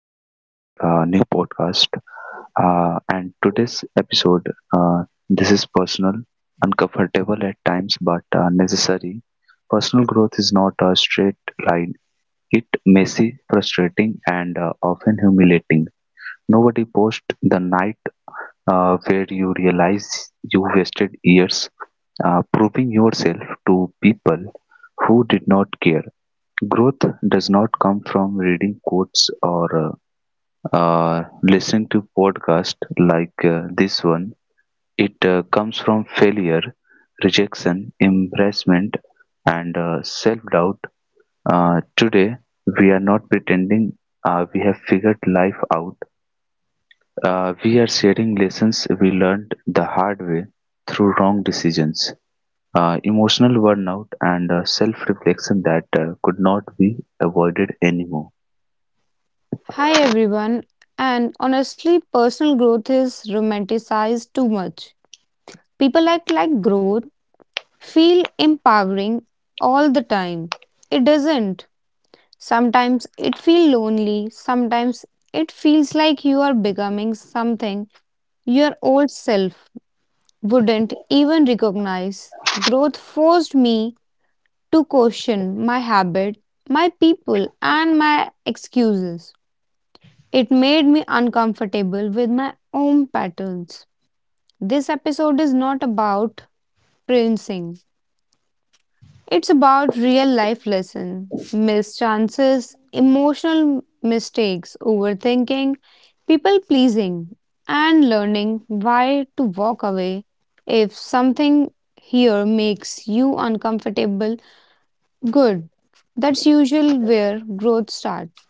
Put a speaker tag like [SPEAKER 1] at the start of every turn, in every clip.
[SPEAKER 1] back to the new podcast. And today's episode, this is personal, uncomfortable at times, but necessary. Personal growth is not a straight line, it messy, frustrating, and often humiliating. Nobody posts the night where you realize you wasted years proving yourself to people who did not care. Growth does not come from reading quotes or listening to podcasts like this one. It comes from failure, rejection, embarrassment, and self doubt. Today, we are not pretending we have figured life out. We are sharing lessons we learned the hard way through wrong decisions, emotional burnout, and self reflection that could not be avoided anymore.
[SPEAKER 2] Hi everyone, and honestly, personal growth is romanticized too much. People act like growth feel empowering all the time. It doesn't. Sometimes it feels lonely, sometimes it feels like you are becoming something your old self wouldn't even recognize. Growth forced me to question my habit, my people, and my excuses. It made me uncomfortable with my own patterns. This episode is not about prancing. It's about real life lessons, missed chances, emotional mistakes, overthinking, people pleasing, and learning why to walk away if something here makes you uncomfortable. Good. That's usually where growth starts.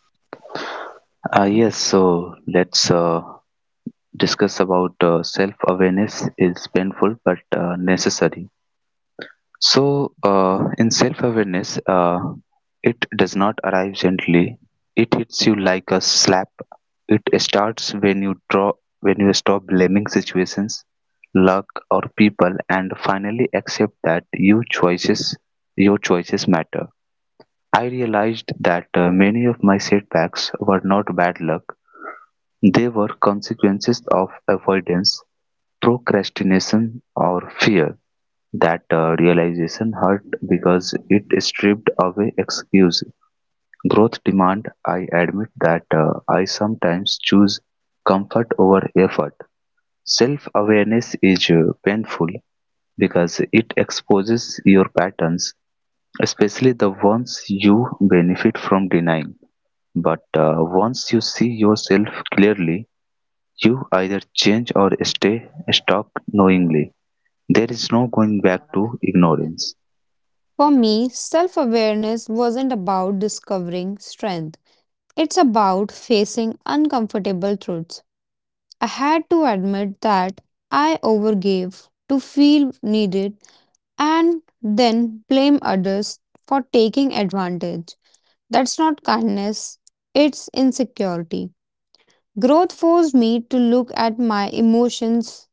[SPEAKER 1] Yes, so let's discuss about self-awareness is painful but necessary. So, in self-awareness, it does not arrive gently. It hits you like a slap. It starts when you draw, when you stop blaming situations, luck, or people, and finally accept that your choices matter. I realized that many of my setbacks were not bad luck, they were consequences of avoidance, procrastination, or fear; that realization hurt because it stripped away excuse. Growth demand I admit that I sometimes choose comfort over effort. Self awareness is painful because it exposes your patterns, especially the ones you benefit from denying. But once you see yourself clearly, you either change or stay stuck knowingly. There is no going back to ignorance.
[SPEAKER 2] For me, self awareness wasn't about discovering strength. It's about facing uncomfortable truths. I had to admit that I overgave to feel needed and then blame others for taking advantage. That's not kindness, it's insecurity. Growth forced me to look at my emotions,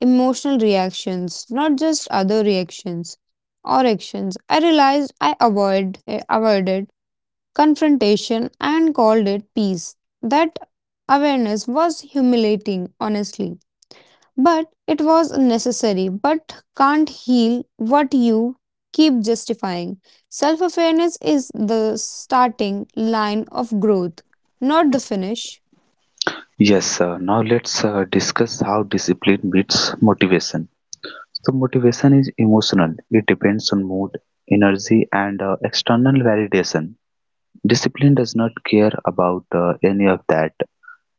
[SPEAKER 2] emotional reactions, not just other reactions or actions. I realized I avoided confrontation and called it peace. That awareness was humiliating, honestly, but it was necessary, but can't heal what you keep justifying. Self awareness is the starting line of growth, not the finish.
[SPEAKER 1] Yes, sir. Now let's discuss how discipline meets motivation. So, motivation is emotional, it depends on mood, energy, and external validation. Discipline does not care about any of that.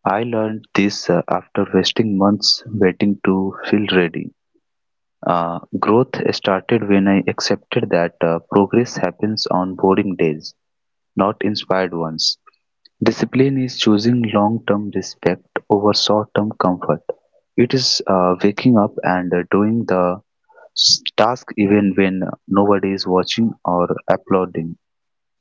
[SPEAKER 1] I learned this after wasting months waiting to feel ready. Growth started when I accepted that progress happens on boring days, not inspired ones. Discipline is choosing long term respect over short term comfort. It is waking up and doing the task even when nobody is watching or applauding.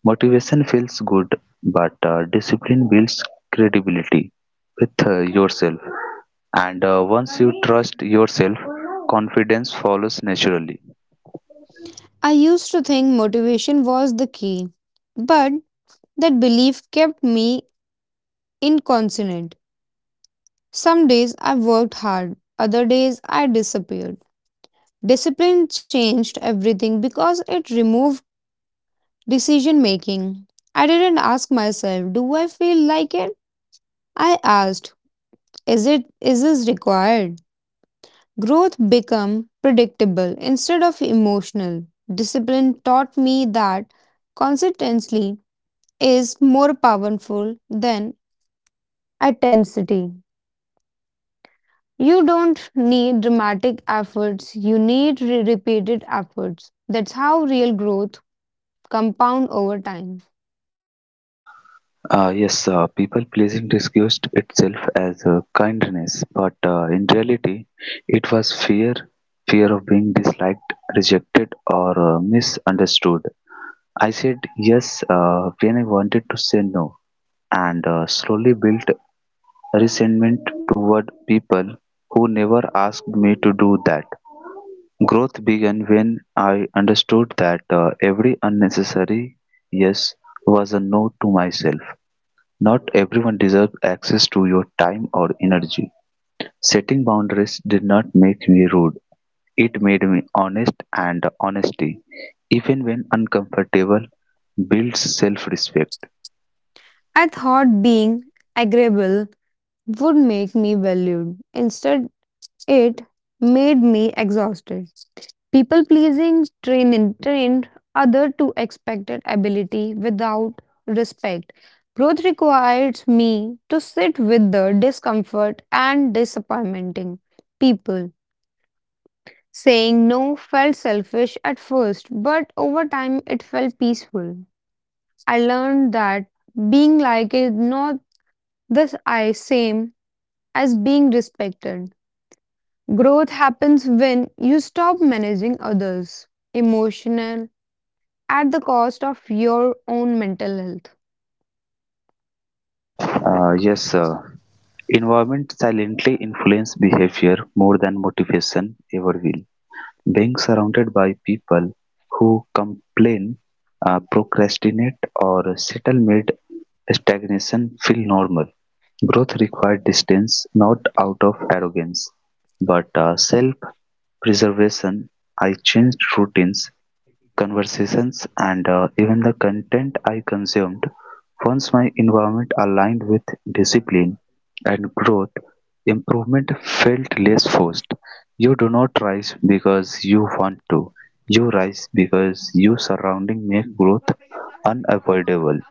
[SPEAKER 1] Motivation feels good, but discipline builds credibility with yourself. And once you trust yourself, confidence follows naturally.
[SPEAKER 2] I used to think motivation was the key, but that belief kept me incontinent. Some days I worked hard, other days I disappeared. Discipline changed everything because it removed decision making. I didn't ask myself, do I feel like it? I asked, is it is this required? Growth became predictable instead of emotional. Discipline taught me that consistency is more powerful than intensity. You don't need dramatic efforts, you need repeated efforts. That's how real growth compound over time.
[SPEAKER 1] Yes, people pleasing disguised itself as kindness, but in reality, it was fear, of being disliked, rejected, or misunderstood. I said yes when I wanted to say no, and slowly built resentment toward people who never asked me to do that. Growth began when I understood that every unnecessary yes was a no to myself. Not everyone deserves access to your time or energy. Setting boundaries did not make me rude. It made me honest, and honesty, even when uncomfortable, builds self-respect.
[SPEAKER 2] I thought being agreeable would make me valued. Instead, it made me exhausted. People pleasing trained other to expected ability without respect. Growth requires me to sit with the discomfort and disappointing people. Saying no felt selfish at first, but over time it felt peaceful. I learned that being like is not this I same as being respected. Growth happens when you stop managing others' emotional at the cost of your own mental health.
[SPEAKER 1] Yes, environment silently influence behavior more than motivation ever will. Being surrounded by people who complain, procrastinate, or settle mid-stagnation feel normal. Growth requires distance, not out of arrogance, but self preservation. I changed routines, conversations, and even the content I consumed. Once my environment aligned with discipline and growth, improvement felt less forced. You do not rise because you want to. You rise because your surrounding make growth unavoidable.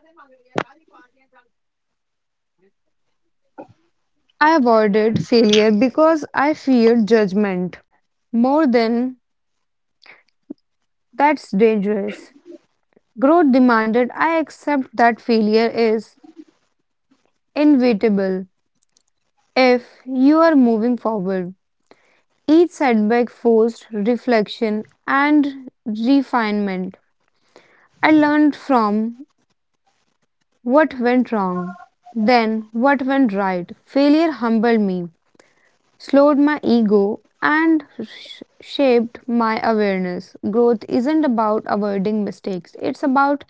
[SPEAKER 2] I avoided failure because I feared judgment more than that's dangerous. Growth demanded I accept that failure is inevitable if you are moving forward. Each setback forced reflection and refinement. I learned from what went wrong? Then what went right? Failure humbled me, slowed my ego, and shaped my awareness. Growth isn't about avoiding mistakes, it's about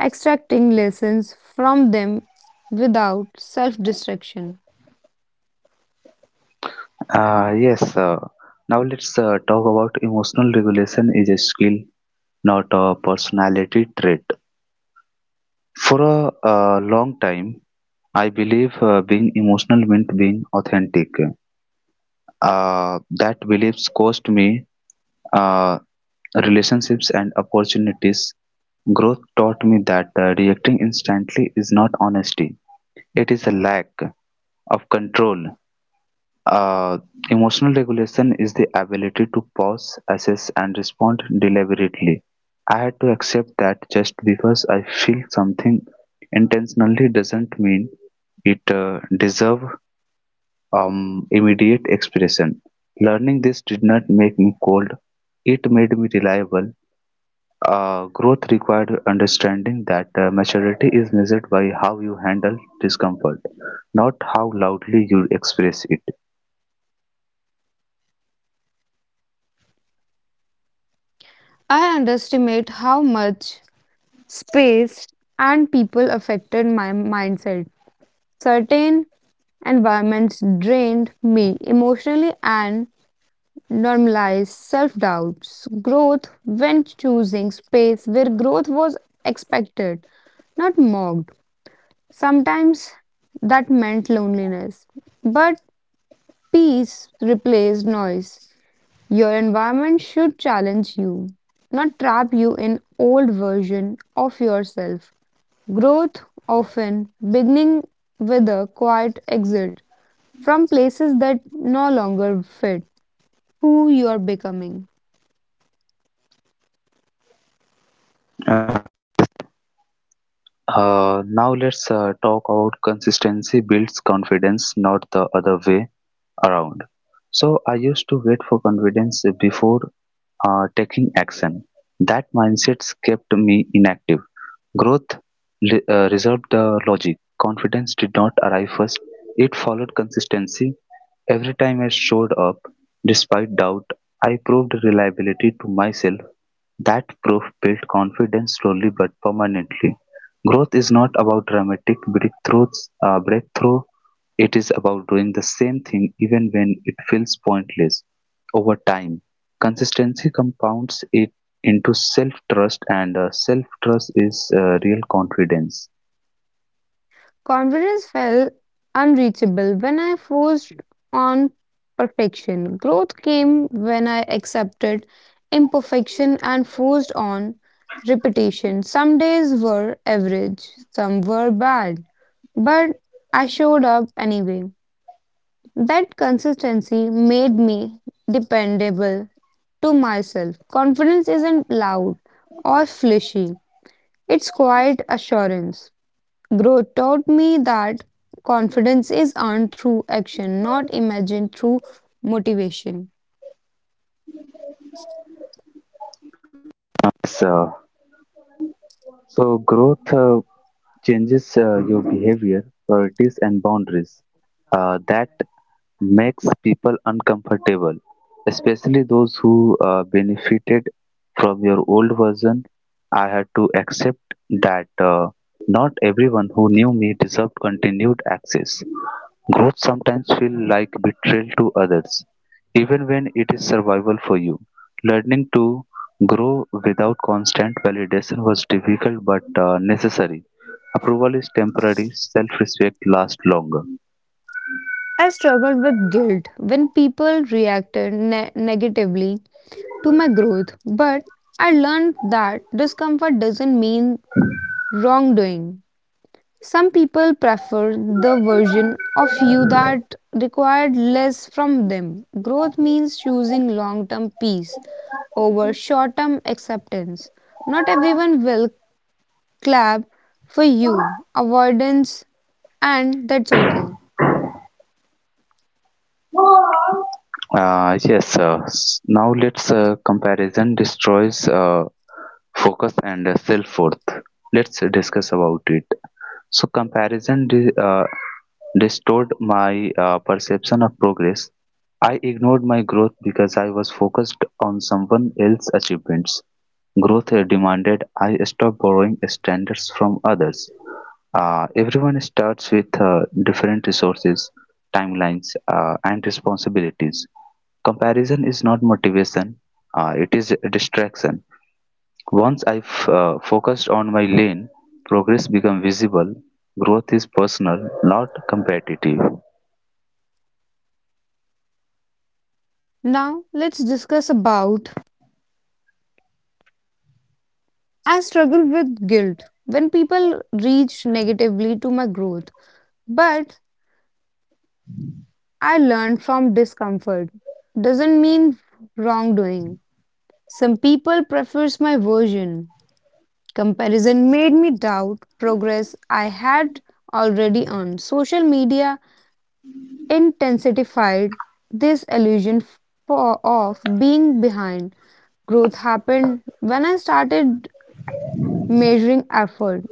[SPEAKER 2] extracting lessons from them without self destruction.
[SPEAKER 1] Ah yes, uh, now let's talk about emotional regulation is a skill, not a personality trait. For a, long time, I believe being emotional meant being authentic. That beliefs cost me uh, relationships and opportunities. Growth taught me that reacting instantly is not honesty, it is a lack of control. Uh, emotional regulation is the ability to pause, assess, and respond deliberately. I had to accept that just because I feel something intentionally doesn't mean it deserves immediate expression. Learning this did not make me cold, it made me reliable. Growth required understanding that maturity is measured by how you handle discomfort, not how loudly you express it.
[SPEAKER 2] I underestimate how much space and people affected my mindset. Certain environments drained me emotionally and normalize self doubts, growth when choosing space where growth was expected, not mocked. Sometimes that meant loneliness, but peace replaced noise. Your environment should challenge you, not trap you in old version of yourself. Growth often beginning with a quiet exit from places that no longer fit who you are becoming.
[SPEAKER 1] Now let's talk about consistency builds confidence, not the other way around. So I used to wait for confidence before taking action. That mindset kept me inactive. Growth reserved the logic; confidence did not arrive first, it followed consistency. Every time I showed up, despite doubt, I proved reliability to myself, that proof built confidence slowly but permanently. Growth is not about dramatic breakthrough. It is about doing the same thing even when it feels pointless. Over time, consistency compounds it into self trust, and self trust is real confidence.
[SPEAKER 2] Confidence felt unreachable when I forced on perfection. Growth came when I accepted imperfection and forced on repetition. Some days were average, some were bad, but I showed up anyway. That consistency made me dependable to myself. Confidence isn't loud or flashy, it's quiet assurance. Growth taught me that confidence is earned through action, not imagined through motivation.
[SPEAKER 1] So, so growth changes your behavior, priorities, and boundaries. That makes people uncomfortable, especially those who benefited from your old version. I had to accept that not everyone who knew me deserved continued access. Growth sometimes feels like betrayal to others, even when it is survival for you. Learning to grow without constant validation was difficult but necessary. Approval is temporary, self respect lasts longer.
[SPEAKER 2] I struggled with guilt when people reacted negatively to my growth, but I learned that discomfort doesn't mean wrongdoing. Some people prefer the version of you that required less from them. Growth means choosing long term peace over short term acceptance. Not everyone will clap for you, avoidance, and that's okay.
[SPEAKER 1] Now let's comparison destroys focus and self-worth. Let's discuss about it. So comparison distorted my perception of progress. I ignored my growth because I was focused on someone else's achievements. Growth demanded I stop borrowing standards from others. Everyone starts with different resources, timelines, and responsibilities. Comparison is not motivation, it is a distraction. Once I focused on my lane, progress becomes visible. Growth is personal, not competitive.
[SPEAKER 2] Now, let's discuss about I struggle with guilt when people reach negatively to my growth, but I learn from discomfort. Doesn't mean wrongdoing. Some people prefers my version. Comparison made me doubt progress I had already earned. Social media intensified this illusion for, of being behind. Growth happened when I started measuring effort,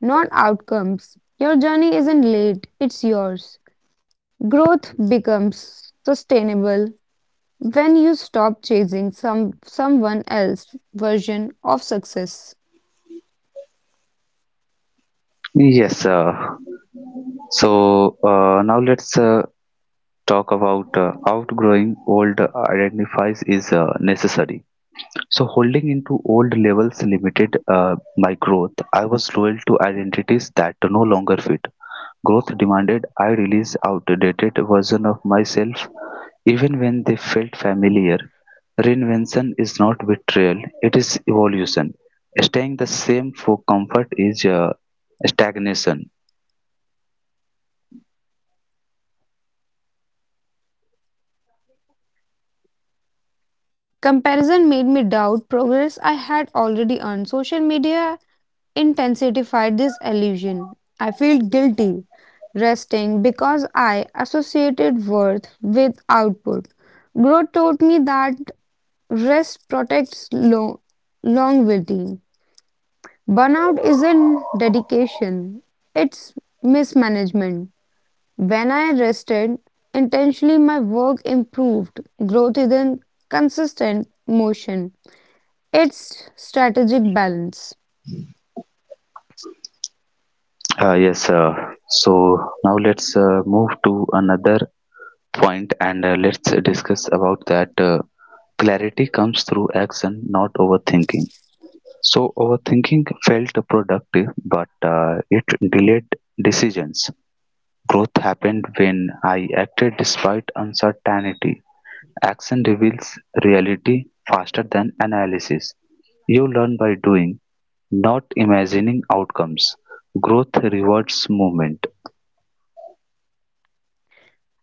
[SPEAKER 2] not outcomes. Your journey isn't late, it's yours. Growth becomes sustainable when you stop chasing someone else's version of success.
[SPEAKER 1] Yes, uh, so now let's talk about outgrowing old identifies is necessary. So holding into old levels limited my growth. I was loyal to identities that no longer fit. Growth demanded I release outdated versions of myself even when they felt familiar. Reinvention is not betrayal, it is evolution. Staying the same for comfort is stagnation.
[SPEAKER 2] Comparison made me doubt progress I had already earned. Social media intensified this illusion. I feel guilty resting because I associated worth with output. Growth taught me that rest protects longevity. Burnout isn't dedication, it's mismanagement. When I rested intentionally, my work improved. Growth isn't consistent motion, it's strategic balance.
[SPEAKER 1] Uh, yes, uh, so now let's move to another point and let's discuss about that clarity comes through action, not overthinking. So, overthinking felt productive, but it delayed decisions. Growth happened when I acted despite uncertainty. Action reveals reality faster than analysis. You learn by doing, not imagining outcomes. Growth rewards movement.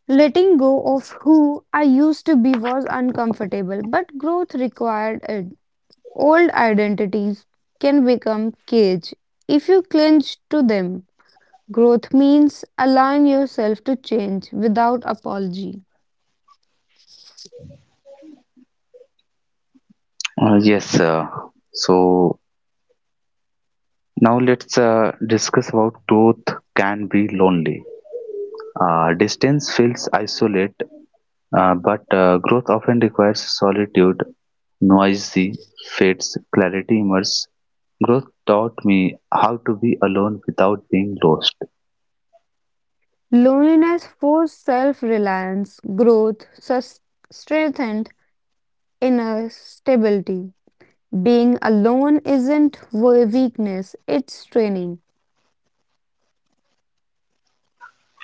[SPEAKER 2] Letting go of who I used to be was uncomfortable, but growth required it. Old identities can become cage if you cling to them. Growth means allowing yourself to change without apology.
[SPEAKER 1] Yes, sir. So now let's discuss about growth can be lonely. Distance feels isolate. But growth often requires solitude, noisy fades, clarity emerges. Growth taught me how to be alone without being lost.
[SPEAKER 2] Loneliness forced self reliance, growth strengthened inner stability. Being alone isn't weakness, it's training.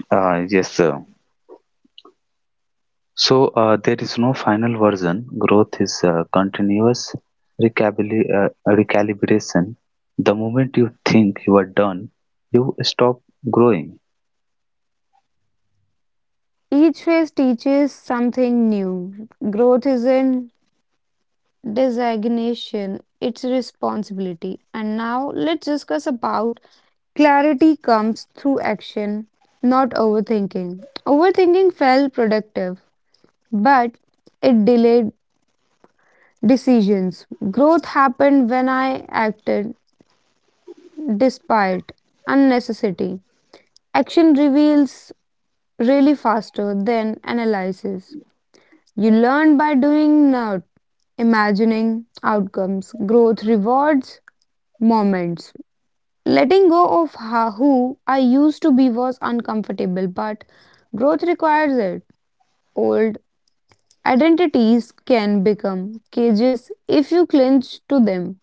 [SPEAKER 1] Yes, sir. So there is no final version. Growth is continuous recalibration. The moment you think you are done, you stop growing.
[SPEAKER 2] Each phase teaches something new. Growth isn't designation, its responsibility. And now let's discuss about clarity comes through action, not overthinking. Overthinking felt productive, but it delayed decisions. Growth happened when I acted despite unnecessity. Action reveals really faster than analysis. You learn by doing, not imagining outcomes. Growth rewards moments. Letting go of who I used to be was uncomfortable, but growth requires it. Old identities can become cages if you cling to them.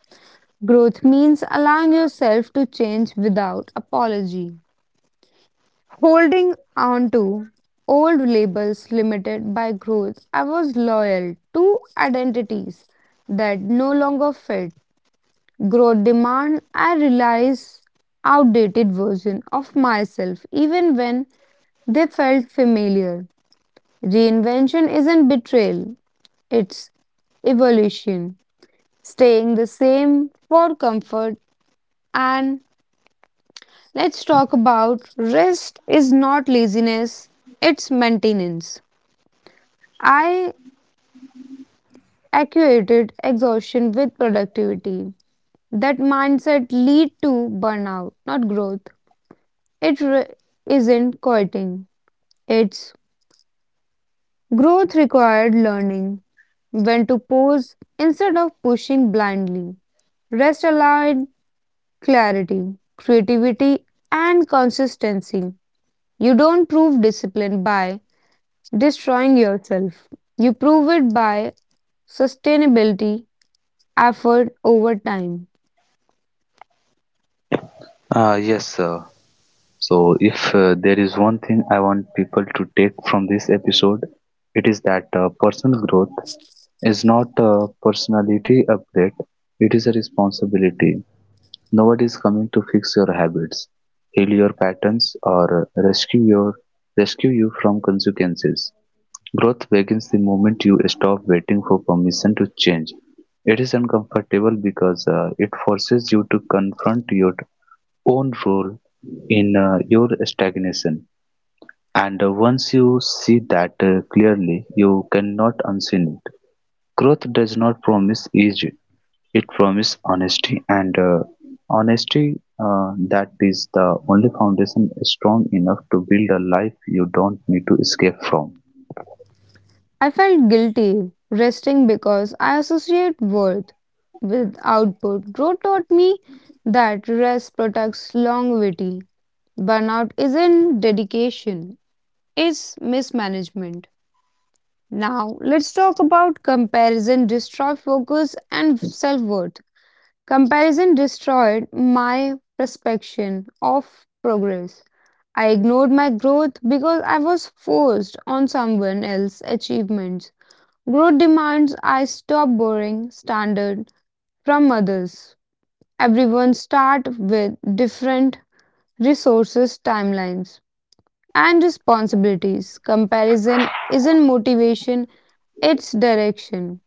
[SPEAKER 2] Growth means allowing yourself to change without apology. Holding on to old labels limited by growth, I was loyal to identities that no longer fit. Grow demand I realize outdated version of myself even when they felt familiar. Reinvention isn't betrayal, it's evolution. Staying the same for comfort and let's talk about rest is not laziness, it's maintenance. I equated exhaustion with productivity. That mindset lead to burnout, not growth. It isn't quitting. Its growth required learning when to pause instead of pushing blindly. Rest allowed clarity, creativity, and consistency. You don't prove discipline by destroying yourself. You prove it by sustainability, effort over time.
[SPEAKER 1] Yes, sir. So, if there is one thing I want people to take from this episode, it is that personal growth is not a personality upgrade, it is a responsibility. Nobody is coming to fix your habits, heal your patterns, or uh, rescue, your, rescue you from consequences. Growth begins the moment you stop waiting for permission to change. It is uncomfortable because it forces you to confront your own role in your stagnation. And once you see that clearly, you cannot unseen it. Growth does not promise ease; it promises honesty, and honesty, that is the only foundation strong enough to build a life you don't need to escape from.
[SPEAKER 2] I felt guilty resting because I associate worth with output. Growth taught me that rest protects longevity. Burnout isn't dedication, it's mismanagement. Now, let's talk about comparison destroy focus and self worth. Comparison destroyed my perception of progress. I ignored my growth because I was forced on someone else's achievements. Growth demands I stop borrowing standard from others. Everyone start with different resources timelines. And responsibilities. Comparison isn't motivation, it's direction.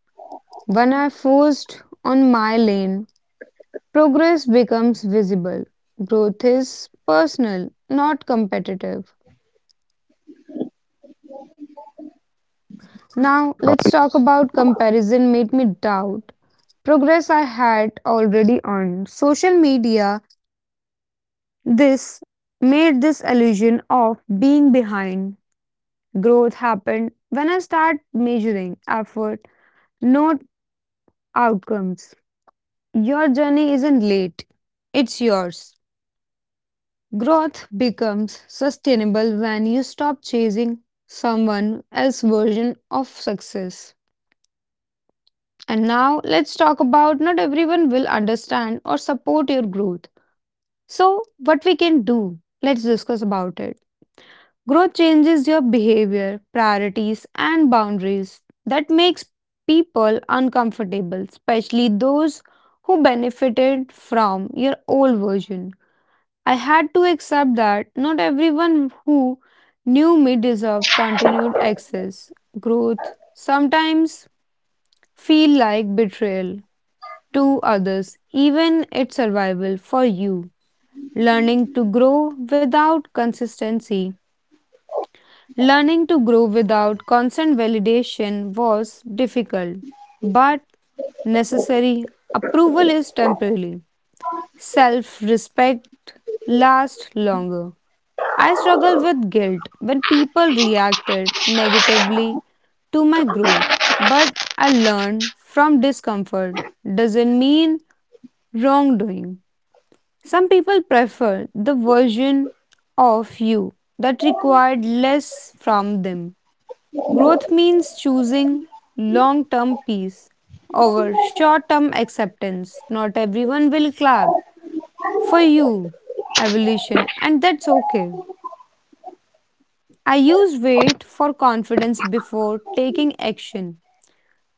[SPEAKER 2] When I forced on my lane, progress becomes visible. Growth is personal, not competitive. Now, let's talk about comparison made me doubt progress I had already earned. Social media this made this illusion of being behind. Growth happened when I start measuring effort, not outcomes. Your journey isn't late, it's yours. Growth becomes sustainable when you stop chasing someone else's version of success. And now let's talk about not everyone will understand or support your growth. So, what we can do? Let's discuss about it. Growth changes your behavior, priorities, and boundaries. That makes people uncomfortable, especially those who benefited from your old version. I had to accept that not everyone who knew me deserved continued access, growth, sometimes feel like betrayal to others, even its survival for you. Learning to grow without consistency. Learning to grow without constant validation was difficult, but necessary. Approval is temporary. Self respect lasts longer. I struggle with guilt when people reacted negatively to my growth, but I learned from discomfort doesn't mean wrongdoing. Some people prefer the version of you that required less from them. Growth means choosing long term peace over short term acceptance. Not everyone will clap for you, evolution, and that's okay. I used wait for confidence before taking action.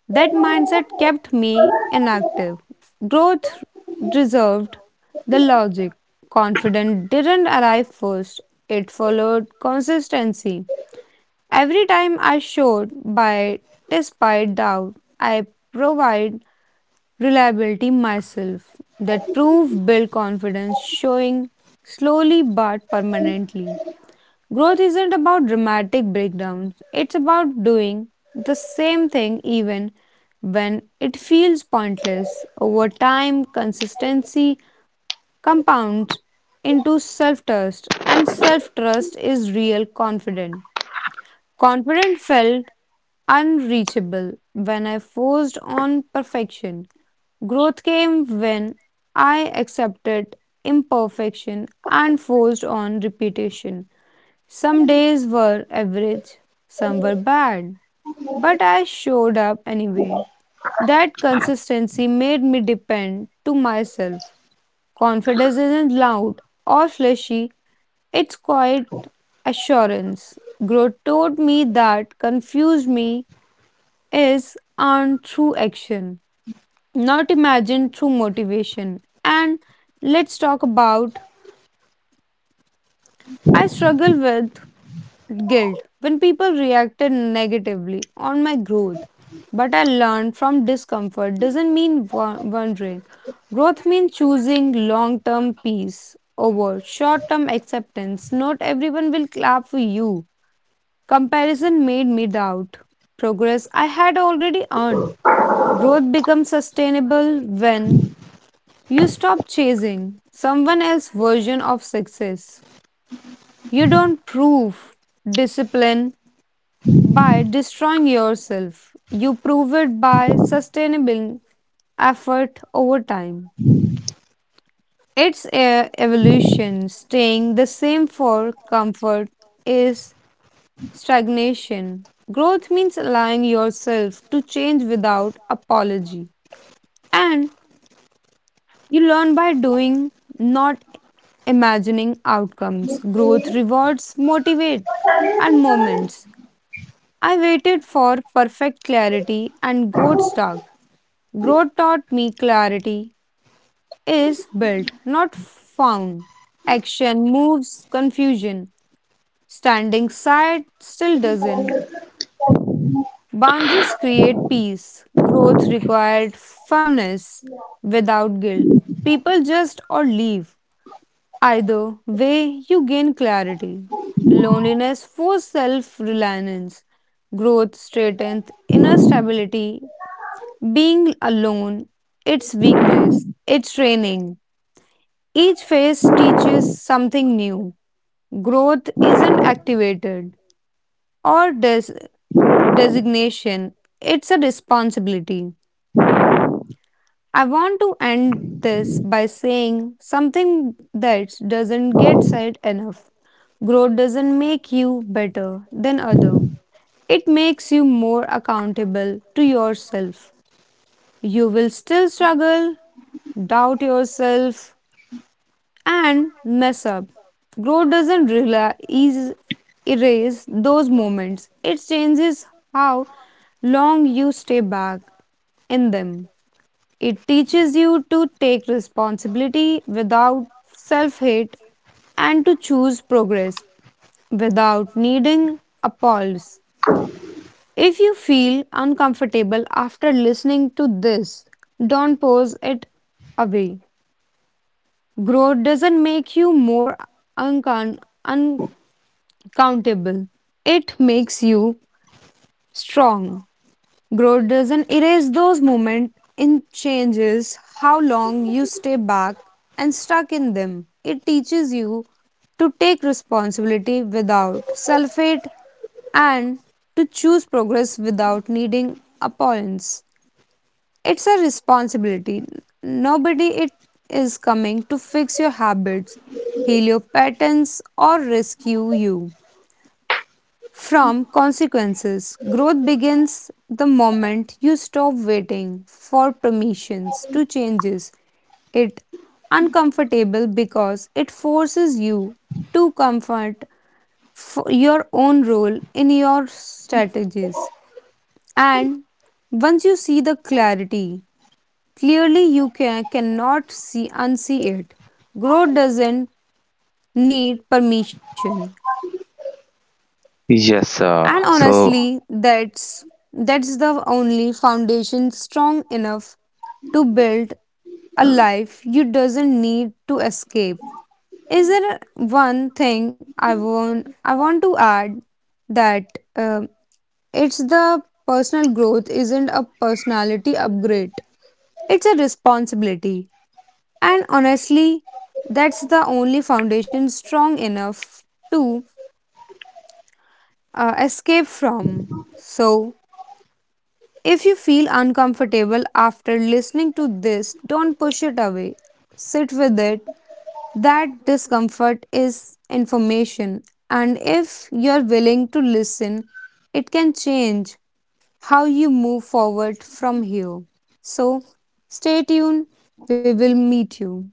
[SPEAKER 2] That mindset kept me inactive. Growth reserved the logic. Confidence didn't arrive first, it followed consistency. Every time I showed by despite doubt, I provide reliability myself. That proof built confidence, showing slowly but permanently. Growth isn't about dramatic breakdowns, it's about doing the same thing even when it feels pointless. Over time, consistency compounds into self trust, and self trust is real confidence. Confidence felt unreachable when I forced on perfection. Growth came when I accepted imperfection and forced on repetition. Some days were average, some were bad, but I showed up anyway. That consistency made me depend to myself. Confidence isn't loud or flashy, it's quiet assurance. Growth taught me that confuse me is earned through action, not imagined through motivation. And let's talk about I struggle with guilt when people reacted negatively on my growth. But I learned from discomfort doesn't mean wandering. Growth means choosing long term peace over short term acceptance. Not everyone will clap for you. Comparison made me doubt progress I had already earned. Growth becomes sustainable when you stop chasing someone else's version of success. You don't prove discipline by destroying yourself. You prove it by sustainable effort over time. It's a evolution. Staying the same for comfort is stagnation. Growth means allowing yourself to change without apology. And you learn by doing, not imagining outcomes. Growth rewards motivate and moments. I waited for perfect clarity and got stuck. Growth taught me clarity is built, not found. Action moves confusion. Standing side still doesn't. Boundaries create peace. Growth required firmness without guilt. People just or leave. Either way, you gain clarity. Loneliness forces self reliance. Growth straightens inner stability. Being alone, it's weakness, it's training. Each phase teaches something new. Growth isn't activated or designation, it's a responsibility. I want to end this by saying something that doesn't get said enough. Growth doesn't make you better than other. It makes you more accountable to yourself. You will still struggle, doubt yourself, and mess up. Growth doesn't erase those moments, it changes how long you stay back in them. It teaches you to take responsibility without self hate and to choose progress without needing applause. If you feel uncomfortable after listening to this, don't pose it away. Growth doesn't make you more uncon- countable. It makes you strong. Growth doesn't erase those moments, it changes how long you stay back and stuck in them. It teaches you to take responsibility without self hate and to choose progress without needing opponents. It's a responsibility. Nobody it is coming to fix your habits, heal your patterns, or rescue you from consequences. Growth begins the moment you stop waiting for permissions to changes. It uncomfortable because it forces you to comfort your own role in your strategies. And once you see the clarity, clearly you cannot see unsee it. Growth doesn't need permission.
[SPEAKER 1] Yes,
[SPEAKER 2] And
[SPEAKER 1] so
[SPEAKER 2] honestly, that's the only foundation strong enough to build a life you doesn't need to escape. Is there one thing I want to add that um it's the personal growth isn't a personality upgrade. It's a responsibility. And honestly, that's the only foundation strong enough to escape from. So, if you feel uncomfortable after listening to this, don't push it away. Sit with it. That discomfort is information, and if you're willing to listen, it can change how you move forward from here. So, stay tuned. We will meet you.